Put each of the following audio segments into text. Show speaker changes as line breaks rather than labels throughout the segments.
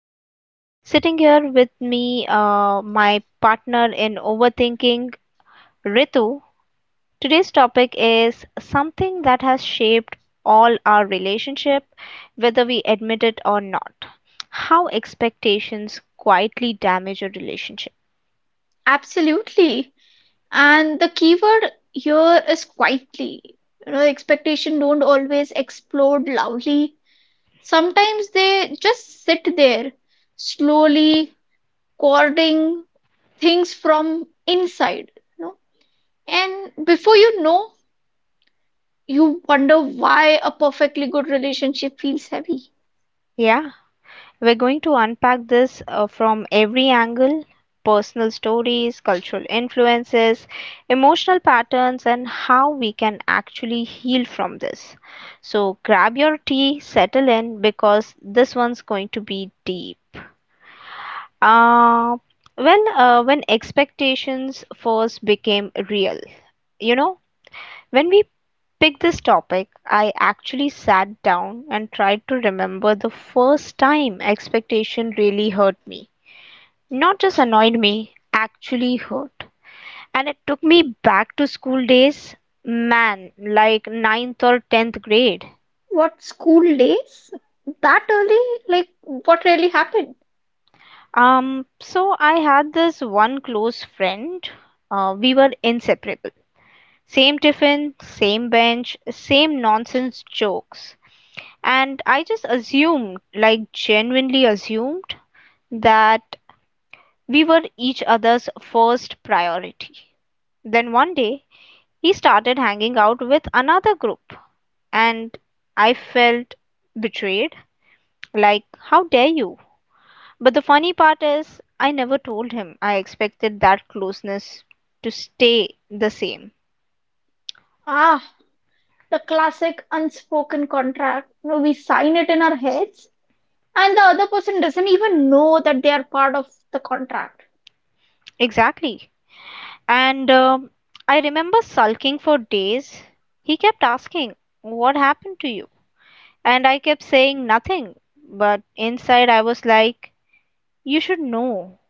Saloni. Sitting here with me, my partner in overthinking, Ritu. Today's topic is something that has shaped all our relationship, whether we admit it or not. How expectations quietly damage a relationship.
Absolutely. And the keyword here is quietly. You know, expectation don't always explode loudly. Sometimes they just sit there, slowly courting things from inside, you know. And before you know, you wonder why a perfectly good relationship feels heavy.
Yeah. We're going to unpack this from every angle, personal stories, cultural influences, emotional patterns, and how we can actually heal from this. So grab your tea, settle in, because this one's going to be deep. Uh, when expectations first became real, you know, when we picked this topic, I actually sat down and tried to remember the first time expectation really hurt me. Not just annoyed me, actually hurt. And it took me back to school days, man, like ninth or 10th grade.
What school days? That early? Like what really happened?
So I had this one close friend. We were inseparable. Same tiffin, same bench, same nonsense jokes. And I just assumed, like genuinely assumed, that we were each other's first priority. Then one day, he started hanging out with another group, and I felt betrayed, like, how dare you? But the funny part is, I never told him I expected that closeness to stay the same.
Ah, the classic unspoken contract. You know, we sign it in our heads, and the other person doesn't even know that they are part of the contract.
Exactly. And I remember sulking for days. He kept asking, "What happened to you?" And I kept saying nothing. But inside, I was like, "You should know."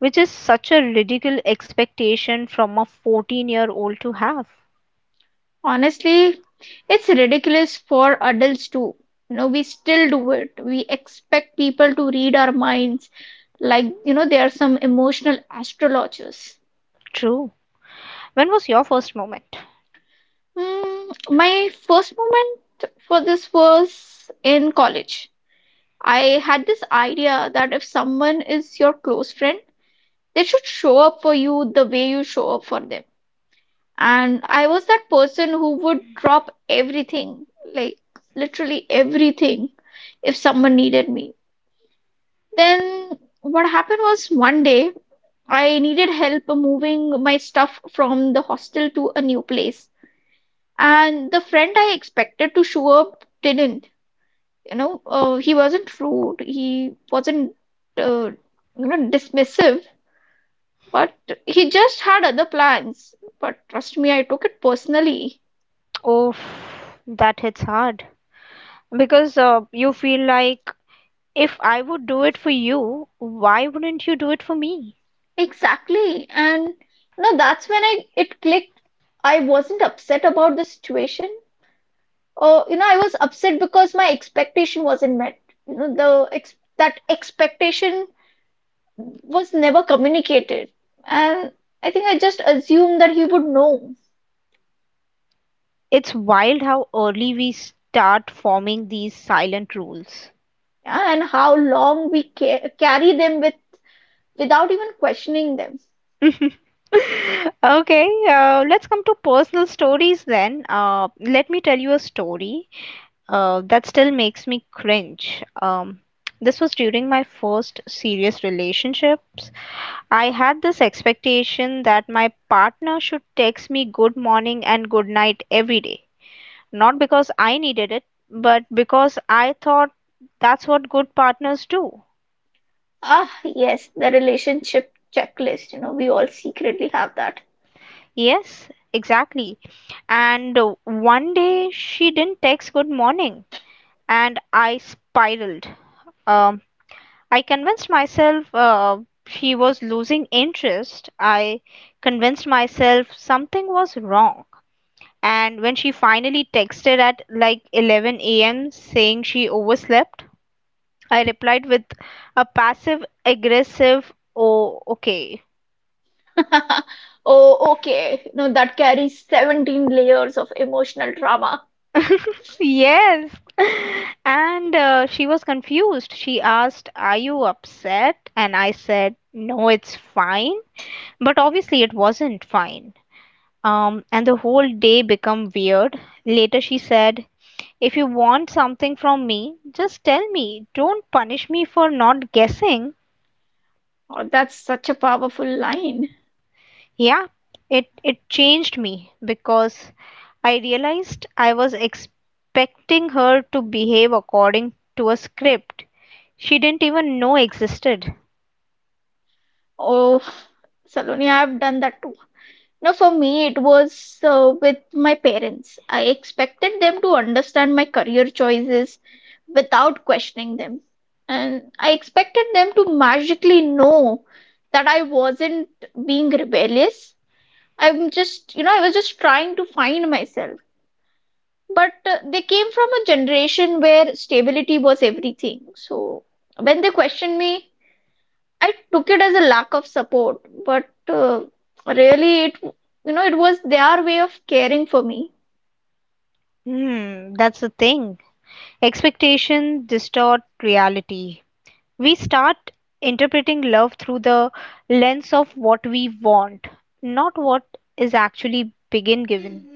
Which is such a ridiculous expectation from a 14-year-old year old to have.
Honestly, it's ridiculous for adults too. You know, we still do it. We expect people to read our minds, like, they are some emotional astrologers.
True. When was your first moment?
Hmm, my first moment for this was in college. I had this idea that if someone is your close friend, they should show up for you the way you show up for them. And I was that person who would drop everything, like literally everything, if someone needed me. Then what happened was one day I needed help moving my stuff from the hostel to a new place. And the friend I expected to show up didn't. You know, he wasn't rude. He wasn't, uh, dismissive. But he just had other plans. But trust me, I took it personally.
Oh, that hits hard. Because you feel like if I would do it for you, why wouldn't you do it for me?
Exactly. And no, that's when I it clicked. I wasn't upset about the situation. Or you know, I was upset because my expectation wasn't met. You know, the ex that expectation was never communicated. And I think I just assumed that he would know.
It's wild how early we start forming these silent rules.
Yeah, and how long we ca carry them without even questioning them.
Okay, let's come to personal stories then. Let me tell you a story, that still makes me cringe. This was during my first serious relationships. I had this expectation that my partner should text me good morning and good night every day. Not because I needed it, but because I thought that's what good partners do.
Ah, yes, the relationship checklist. You know, we all secretly have that.
Yes, exactly. And one day she didn't text good morning, and I spiraled. Um, I convinced myself she was losing interest. I convinced myself something was wrong. And when she finally texted at like 11 a.m. saying she overslept, I replied with a passive aggressive, "Oh, okay."
Oh, okay. No, that carries 17 layers of emotional drama.
Yes. And she was confused. She asked, "Are you upset?" And I said, "No, it's fine." But obviously, it wasn't fine. And the whole day became weird. Later, she said, "If you want something from me, just tell me. Don't punish me for not guessing."
Oh, that's such a powerful line.
Yeah, it changed me because I realized I was expecting her to behave according to a script she didn't even know existed.
Oh, Saloni, I've done that too. No, for me, it was with my parents. I expected them to understand my career choices without questioning them. And I expected them to magically know that I wasn't being rebellious. I was just trying to find myself. But they came from a generation where stability was everything. So when they questioned me, I took it as a lack of support. But really, it was their way of caring for me.
Hmm, that's the thing. Expectation distort reality. We start interpreting love through the lens of what we want, not what is actually begin given.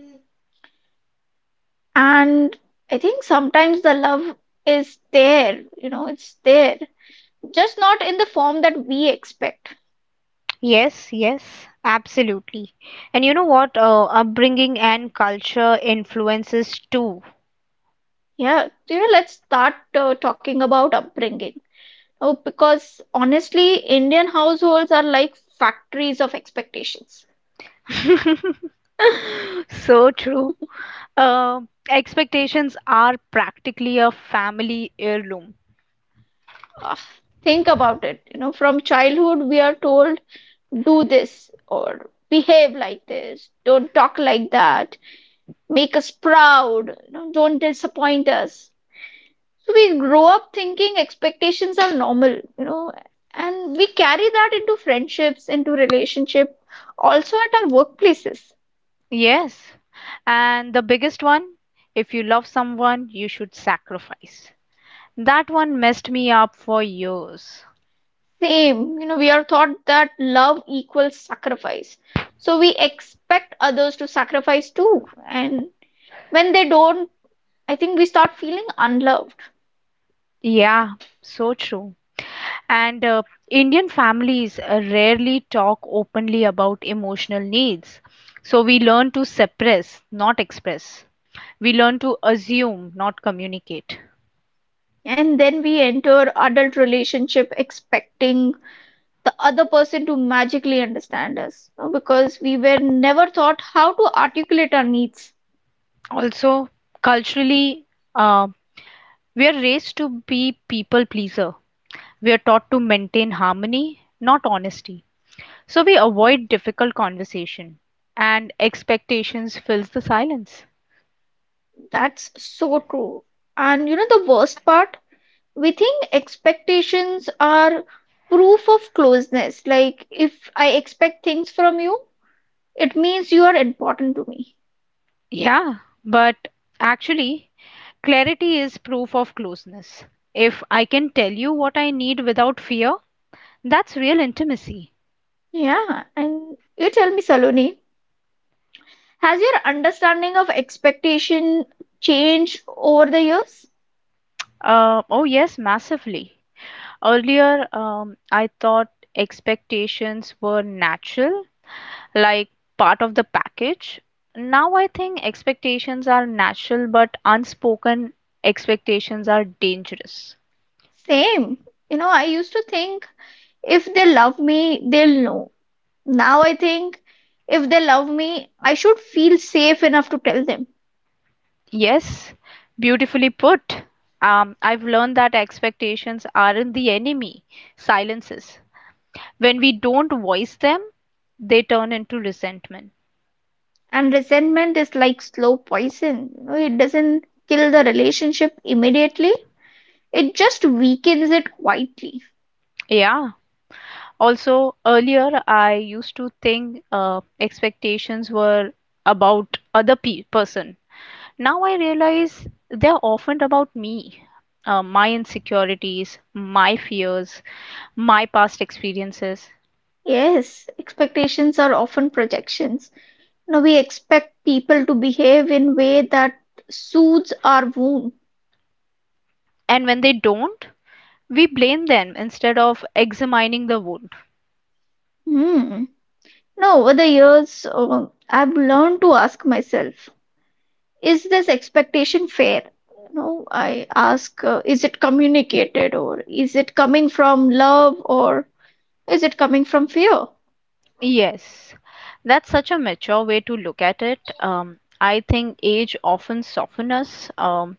And I think sometimes the love is there, it's there, just not in the form that we expect.
Yes, yes, absolutely. And you know what? Upbringing and culture influences too.
Yeah, so, let's start talking about upbringing. Oh, because honestly, Indian households are like factories of expectations.
So true. Uh, Expectations are practically a family heirloom.
Ugh, think about it. You know, from childhood, we are told do this or behave like this, don't talk like that, make us proud, don't disappoint us. So we grow up thinking expectations are normal, and we carry that into friendships, into relationship, also at our workplaces.
Yes. And the biggest one, if you love someone, you should sacrifice. That one messed me up for years.
Same, we are taught that love equals sacrifice. So we expect others to sacrifice too. And when they don't, I think we start feeling unloved.
Yeah, so true. And Indian families rarely talk openly about emotional needs. So we learn to suppress, not express. We learn to assume, not communicate.
And then we enter adult relationship expecting the other person to magically understand us, because we were never taught how to articulate our needs.
Also, culturally, uh, we are raised to be people pleaser. We are taught to maintain harmony, not honesty. So we avoid difficult conversation and expectations fills the silence.
That's so true. And you know the worst part? We think expectations are proof of closeness. Like if I expect things from you, it means you are important to me.
Yeah, but actually, clarity is proof of closeness. If I can tell you what I need without fear, that's real intimacy.
Yeah, and you tell me, Saloni, has your understanding of expectation changed over the years?
Oh, yes, massively. Earlier, I thought expectations were natural, like part of the package. Now I think expectations are natural, but unspoken expectations are dangerous.
Same. You know, I used to think if they love me, they'll know. Now I think if they love me, I should feel safe enough to tell them.
Yes, beautifully put. I've learned that expectations aren't the enemy, silences. When we don't voice them, they turn into resentment.
And resentment is like slow poison. You know, it doesn't kill the relationship immediately, it just weakens it quietly.
Yeah. Also, earlier I used to think expectations were about person. Now I realize they're often about me, my insecurities, my fears, my past experiences.
Yes, expectations are often projections. You know, we expect people to behave in way that soothes our wound.
And when they don't, we blame them instead of examining the wound.
Hmm. Now, over the years, I've learned to ask myself, is this expectation fair? You know, I ask, is it communicated or is it coming from love or is it coming from fear?
Yes, that's such a mature way to look at it. I think age often softens us.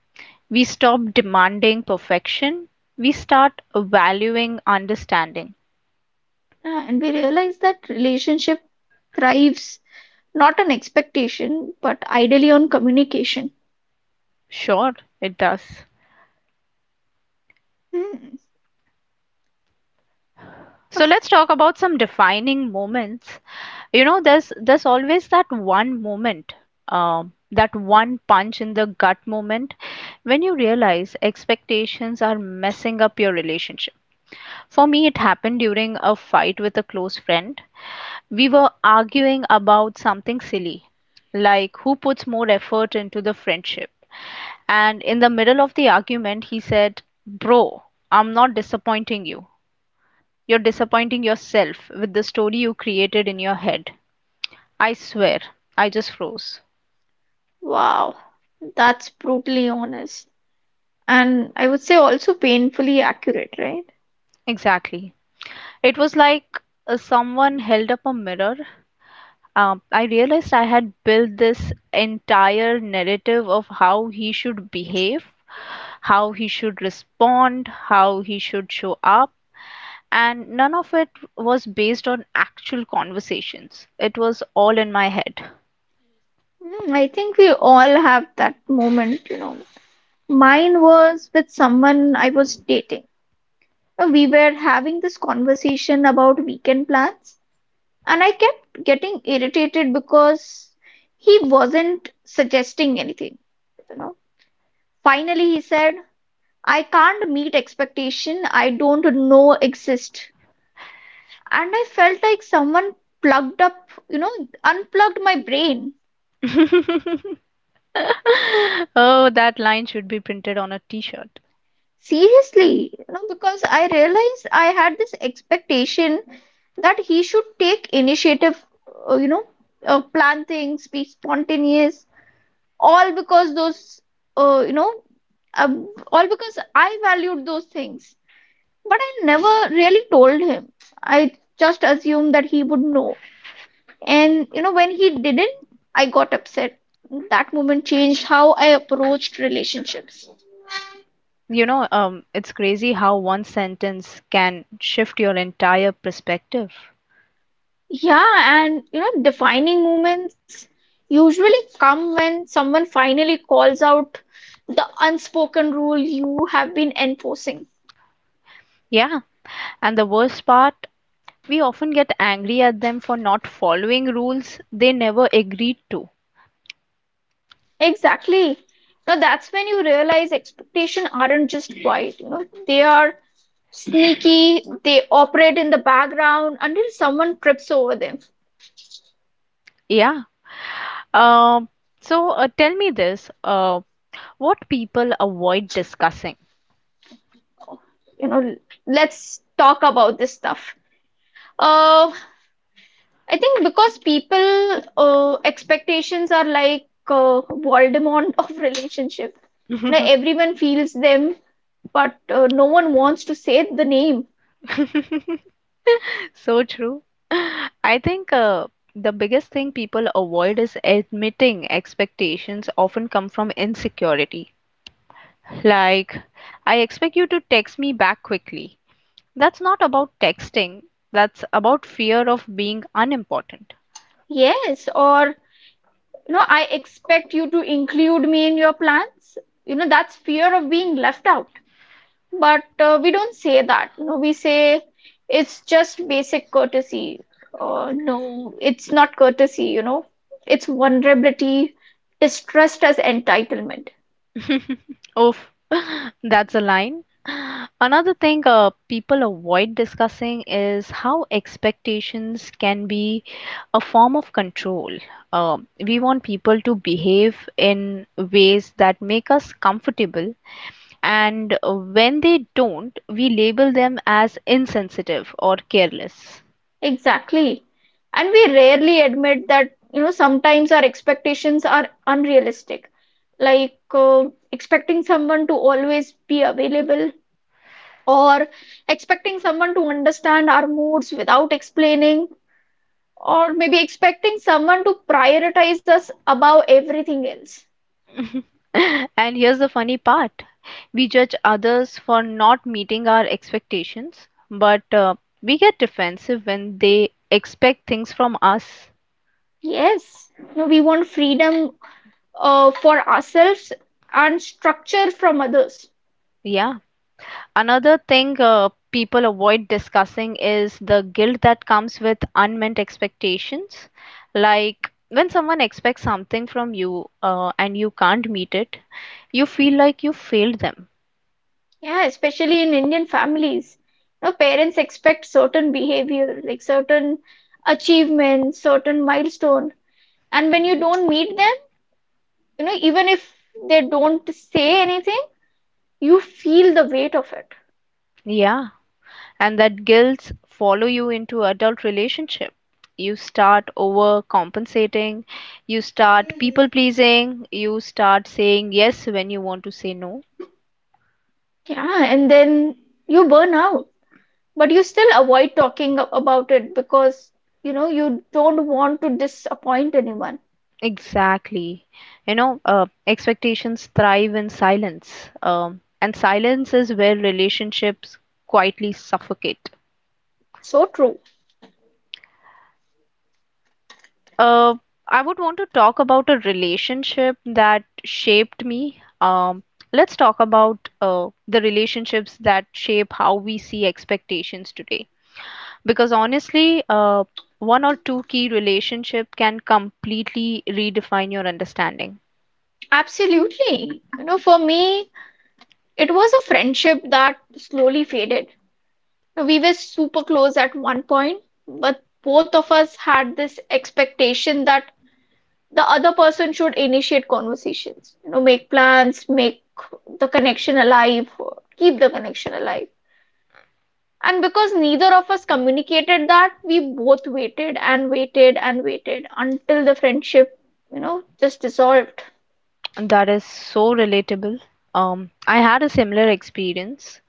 We stop demanding perfection, we start valuing understanding.
Yeah, and we realize that relationship thrives not on expectation, but ideally on communication.
Sure, it does.
Hmm.
So let's talk about some defining moments. You know, there's always that one moment, that one punch in the gut moment when you realize expectations are messing up your relationship. For me, it happened during a fight with a close friend. We were arguing about something silly, like who puts more effort into the friendship. And in the middle of the argument, he said, "Bro, I'm not disappointing you. You're disappointing yourself with the story you created in your head." I swear, I just froze.
Wow, that's brutally honest. And I would say also painfully accurate, right?
Exactly. It was like someone held up a mirror. I realized I had built this entire narrative of how he should behave, how he should respond, how he should show up, and none of it was based on actual conversations. It was all in my head.
Hmm, I think we all have that moment. Mine was with someone I was dating. We were having this conversation about weekend plans, and I kept getting irritated because he wasn't suggesting anything, you know. Finally, he said, "I can't meet expectation I don't know exist." And I felt like someone plugged up, you know, unplugged my brain.
Oh, that line should be printed on a t-shirt.
Seriously, you know, because I realized I had this expectation that he should take initiative, uh, you know, plan things, be spontaneous. All because uh, you know I valued those things. But I never really told him. I just assumed that he would know. And you know, when he didn't, I got upset. That moment changed how I approached relationships.
You know, it's crazy how one sentence can shift your entire perspective.
Yeah, and you know, defining moments usually come when someone finally calls out the unspoken rule you have been enforcing.
Yeah, and the worst part, we often get angry at them for not following rules they never agreed to.
Exactly. Now that's when you realize expectations aren't just quiet, they are sneaky, they operate in the background until someone trips over them.
Yeah. Um, Tell me this, what people avoid discussing?
You know, let's talk about this stuff. Uh, I think because people expectations are like Voldemort of relationship. Now everyone feels them, but no one wants to say the name.
So true. I think the biggest thing people avoid is admitting expectations often come from insecurity. Like, I expect you to text me back quickly. That's not about texting, that's about fear of being unimportant.
Yes, or I expect you to include me in your plans. You know, that's fear of being left out. But we don't say that. You know, we say it's just basic courtesy. No, it's not courtesy. You know, it's vulnerability distressed as entitlement.
Oof, that's a line. Another thing people avoid discussing is how expectations can be a form of control. Uh, we want people to behave in ways that make us comfortable, and when they don't, we label them as insensitive or careless.
Exactly. And we rarely admit that, sometimes our expectations are unrealistic, like expecting someone to always be available, or expecting someone to understand our moods without explaining, or maybe expecting someone to prioritize us above everything else.
And here's the funny part, we judge others for not meeting our expectations, but we get defensive when they expect things from us.
Yes, no, we want freedom for ourselves and structure from others.
Yeah. Another thing people avoid discussing is the guilt that comes with unmet expectations. Like when someone expects something from you and you can't meet it, you feel like you failed them.
Yeah, especially in Indian families. No, parents expect certain behavior, like certain achievements, certain milestone. And when you don't meet them, even if they don't say anything, you feel the weight of it.
Yeah, and that guilt follow you into adult relationship. You start overcompensating, you start people pleasing, you start saying yes when you want to say no.
Yeah, and then you burn out, but you still avoid talking about it because you don't want to disappoint anyone.
Exactly, you know, expectations thrive in silence, and silence is where relationships quietly suffocate.
So true.
Uh, I would want to talk about a relationship that shaped me. Let's talk about the relationships that shape how we see expectations today. Because honestly, one or two key relationship can completely redefine your understanding.
Absolutely. You know, for me, it was a friendship that slowly faded. We were super close at one point, but both of us had this expectation that the other person should initiate conversations, make plans, make the connection alive, keep the connection alive. And because neither of us communicated that, we both waited and waited and waited until the friendship, just dissolved.
That is so relatable. I had a similar experience.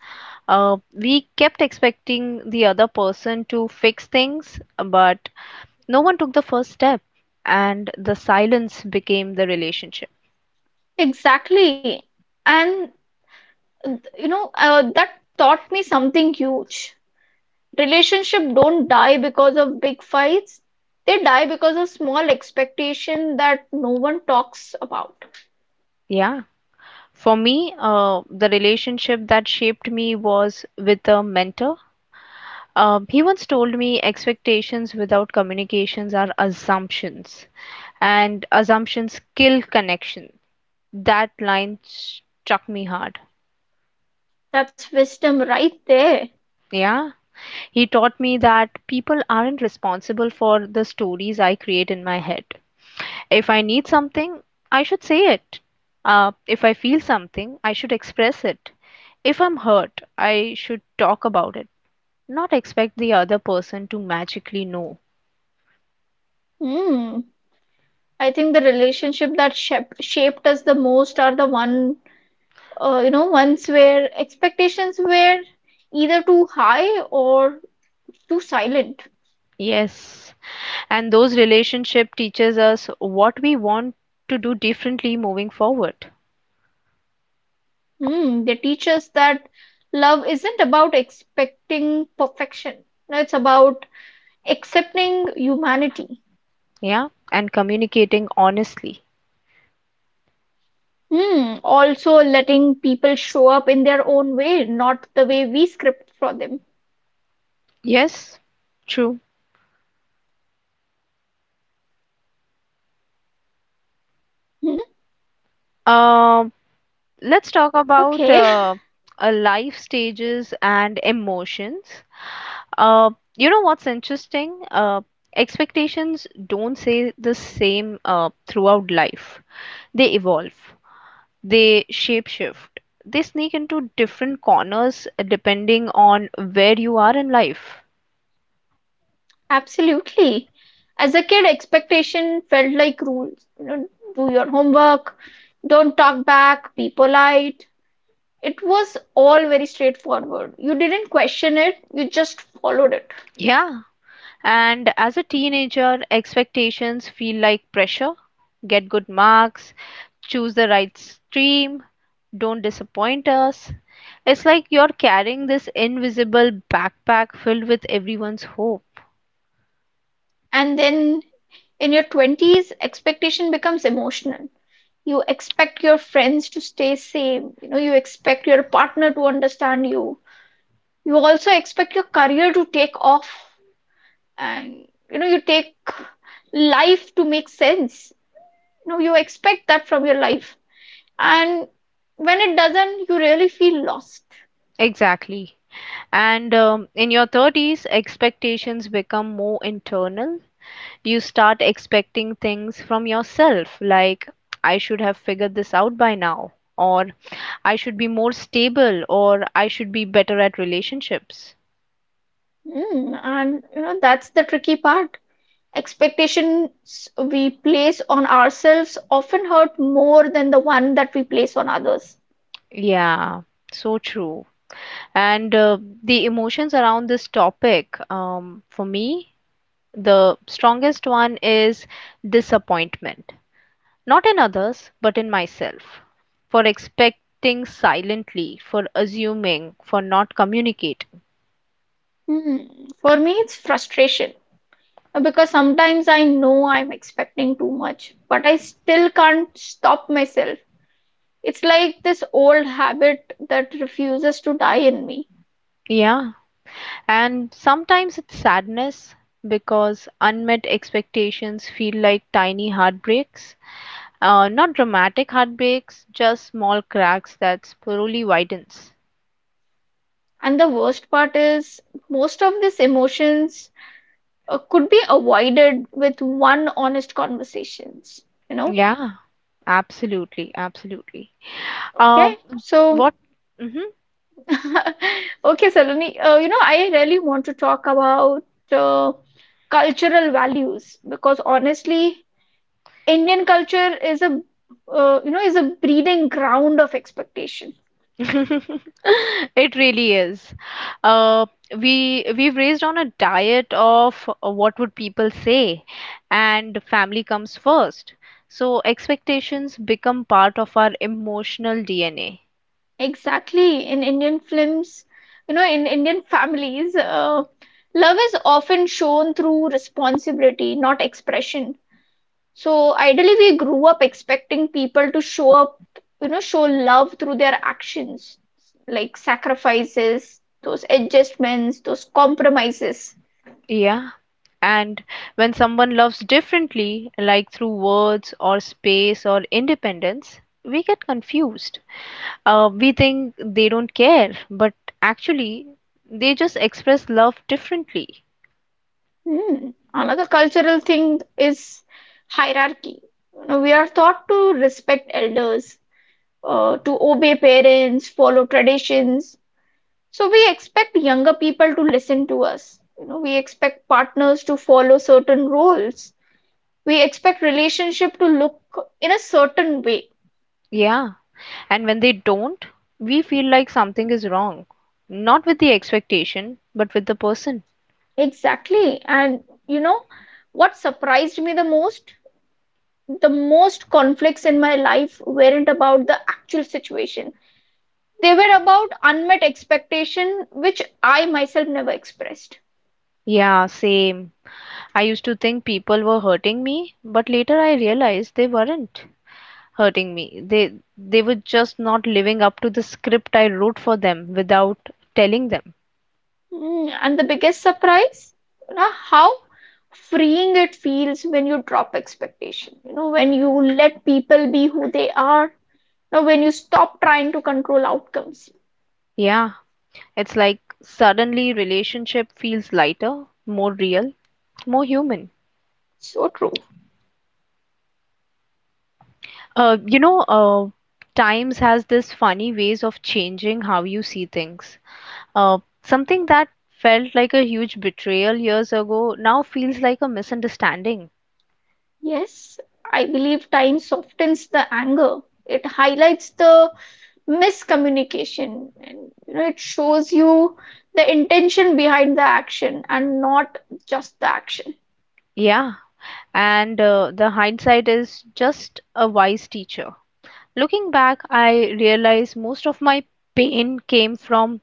We kept expecting the other person to fix things, but no one took the first step, and the silence became the relationship.
Exactly. And, that taught me something huge. Relationship don't die because of big fights. They die because of small expectation that no one talks about.
Yeah. For me, the relationship that shaped me was with a mentor. He once told me expectations without communications are assumptions, and assumptions kill connection. That line struck me hard.
That's wisdom right there.
Yeah. He taught me that people aren't responsible for the stories I create in my head. If I need something, I should say it. If I feel something, I should express it. If I'm hurt, I should talk about it, not expect the other person to magically know.
Hmm. I think the relationship that shaped us the most are the ones where expectations were either too high or too silent.
Yes, and those relationship teaches us what we want to do differently moving forward.
Hmm, they teach us that love isn't about expecting perfection, no, it's about accepting humanity.
Yeah, and communicating honestly.
Hmm, also letting people show up in their own way, not the way we script for them.
Yes, true.
Mhm. Okay,
Um, let's talk about life stages and emotions. You know what's interesting? Expectations don't stay the same throughout life. They evolve, they shapeshift, they sneak into different corners depending on where you are in life.
absolutely. As a kid, expectation felt like rules. You know, do your homework, don't talk back, be polite. It was all very straightforward. You didn't question it, you just followed it.
Yeah. And as a teenager, expectations feel like pressure, get good marks, choose the right stream, don't disappoint us. It's like you're carrying this invisible backpack filled with everyone's hope.
And then in your 20s, expectation becomes emotional. You expect your friends to stay same, you expect your partner to understand you. You also expect your career to take off, and you take life to make sense. You know, you expect that from your life. And when it doesn't, you really feel lost.
Exactly. And in your 30s, expectations become more internal. You start expecting things from yourself, like, I should have figured this out by now, or I should be more stable, or I should be better at relationships.
Mm, and that's the tricky part. Expectations we place on ourselves often hurt more than the one that we place on others.
Yeah, so true. And the emotions around this topic, for me, the strongest one is disappointment, not in others, but in myself, for expecting silently, for assuming, for not communicating.
Hmm. For me, it's frustration because sometimes I know I'm expecting too much, but I still can't stop myself. It's like this old habit that refuses to die in me.
Yeah, and sometimes it's sadness because unmet expectations feel like tiny heartbreaks. Not dramatic heartbreaks, just small cracks that slowly widens.
And the worst part is, most of these emotions could be avoided with one honest conversations. You know.
Yeah, absolutely, absolutely. Uh,
Okay. So
what? Mhm.
Okay, Saloni, I really want to talk about uh, cultural values because honestly, Indian culture is a is a breeding ground of expectation.
It really is. Uh, we we've raised on a diet of what would people say, and family comes first. So expectations become part of our emotional DNA.
Exactly, in Indian films, you know, in Indian families, love is often shown through responsibility, not expression. So ideally, we grew up expecting people to show up, show love through their actions, like sacrifices, those adjustments, those compromises.
Yeah. And when someone loves differently, like through words or space or independence, we get confused. We think they don't care, but actually, they just express love differently.
Hmm. Another cultural thing is hierarchy. You know, we are taught to respect elders, to obey parents, follow traditions. So we expect younger people to listen to us. You know, we expect partners to follow certain roles. We expect relationship to look in a certain way.
Yeah. And when they don't, we feel like something is wrong. Not with the expectation, but with the person.
Exactly, and you know what surprised me the most, the most conflicts in my life weren't about the actual situation. They were about unmet expectation which I myself never expressed.
Yeah, same. I used to think people were hurting me, but later I realized they weren't hurting me. They were just not living up to the script I wrote for them without telling them.
Mm, and the biggest surprise, how freeing it feels when you drop expectation, when you let people be who they are, when you stop trying to control outcomes.
Yeah, it's like suddenly relationship feels lighter, more real, more human.
So true.
Uh, you know, uh, Times has this funny ways of changing how you see things. Something that felt like a huge betrayal years ago now feels like a misunderstanding.
Yes, I believe time softens the anger. It highlights the miscommunication, and it shows you the intention behind the action and not just the action.
Yeah, and the hindsight is just a wise teacher. Looking back, I realize most of my pain came from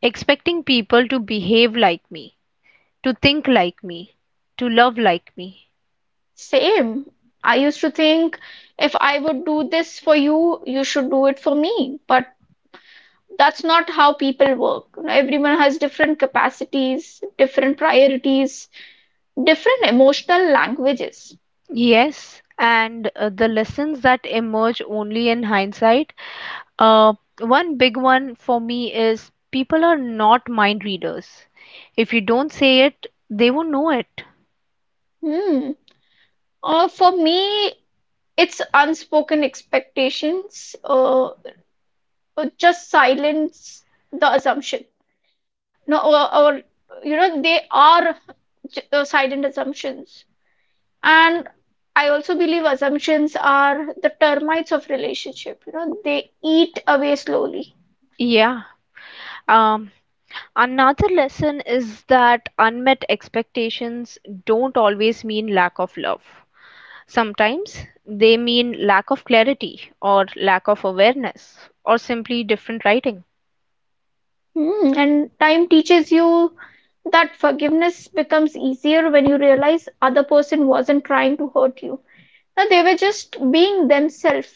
expecting people to behave like me, to think like me, to love like me.
Same. I used to think if I would do this for you, you should do it for me. But that's not how people work. You know, everyone has different capacities, different priorities, different emotional languages.
Yes, and the lessons that emerge only in hindsight. Uh, One big one for me is people are not mind readers. If you don't say it, they won't know it.
Hmm. For me, it's unspoken expectations, just silence, the assumption. No, or, they are silent assumptions. And I also believe assumptions are the termites of relationship. You know, they eat away slowly.
Yeah. Um, Another lesson is that unmet expectations don't always mean lack of love. Sometimes they mean lack of clarity or lack of awareness or simply different writing.
Hmm, and time teaches you that forgiveness becomes easier when you realize other person wasn't trying to hurt you. No, they were just being themselves.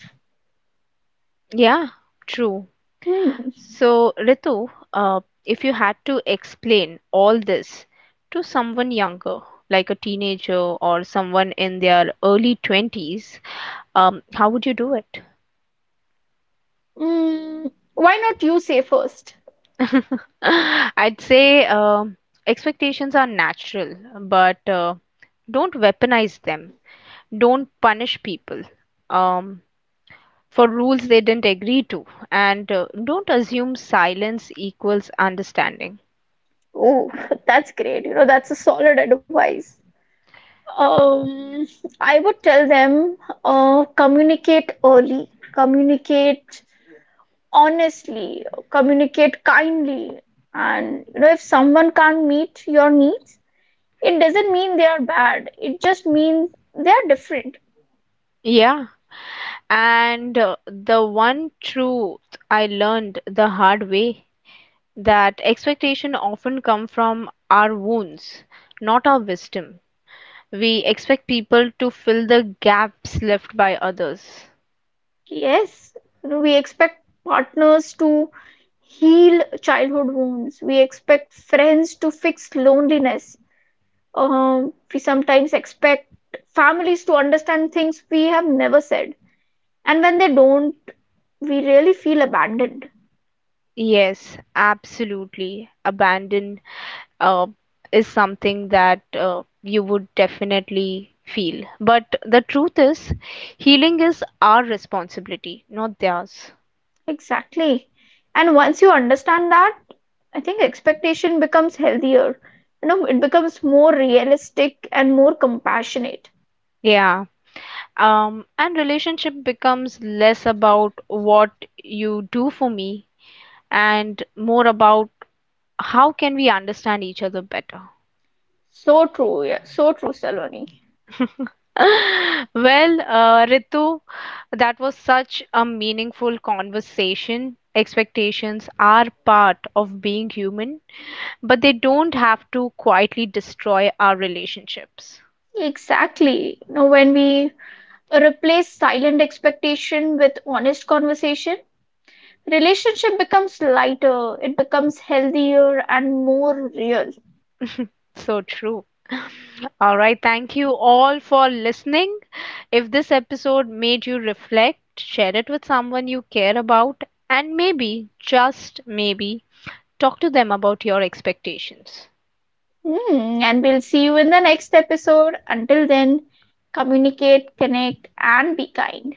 Yeah, true.
Hmm.
So, Ritu, if you had to explain all this to someone younger, like a teenager or someone in their early 20s, how would you do it?
Mm, why not you say first?
I'd say expectations are natural, but don't weaponize them. Don't punish people um, for rules they didn't agree to, and don't assume silence equals understanding.
Oh, that's great. You know, that's a solid advice. Um, I would tell them, communicate early, communicate honestly, communicate kindly. And you know, if someone can't meet your needs, it doesn't mean they are bad. It just means they are different.
Yeah. And the one truth I learned the hard way, that expectation often come from our wounds, not our wisdom. We expect people to fill the gaps left by others.
Yes, we expect partners to heal childhood wounds. We expect friends to fix loneliness. We sometimes expect families to understand things we have never said. And when they don't, we really feel abandoned.
Yes, absolutely. Abandon uh, is something that you would definitely feel. But the truth is, healing is our responsibility, not theirs.
Exactly. And once you understand that, I think expectation becomes healthier. You know, it becomes more realistic and more compassionate.
Yeah. And relationship becomes less about what you do for me and more about how can we understand each other better.
So true, yeah, so true, Saloni.
Well, Ritu, that was such a meaningful conversation. Expectations are part of being human, but they don't have to quietly destroy our relationships.
Exactly. Now, when we replace silent expectation with honest conversation, relationship becomes lighter, it becomes healthier and more real.
So true. All right, thank you all for listening. If this episode made you reflect, share it with someone you care about, and maybe, just maybe, talk to them about your expectations.
Hmm, and we'll see you in the next episode. Until then, communicate, connect, and be kind.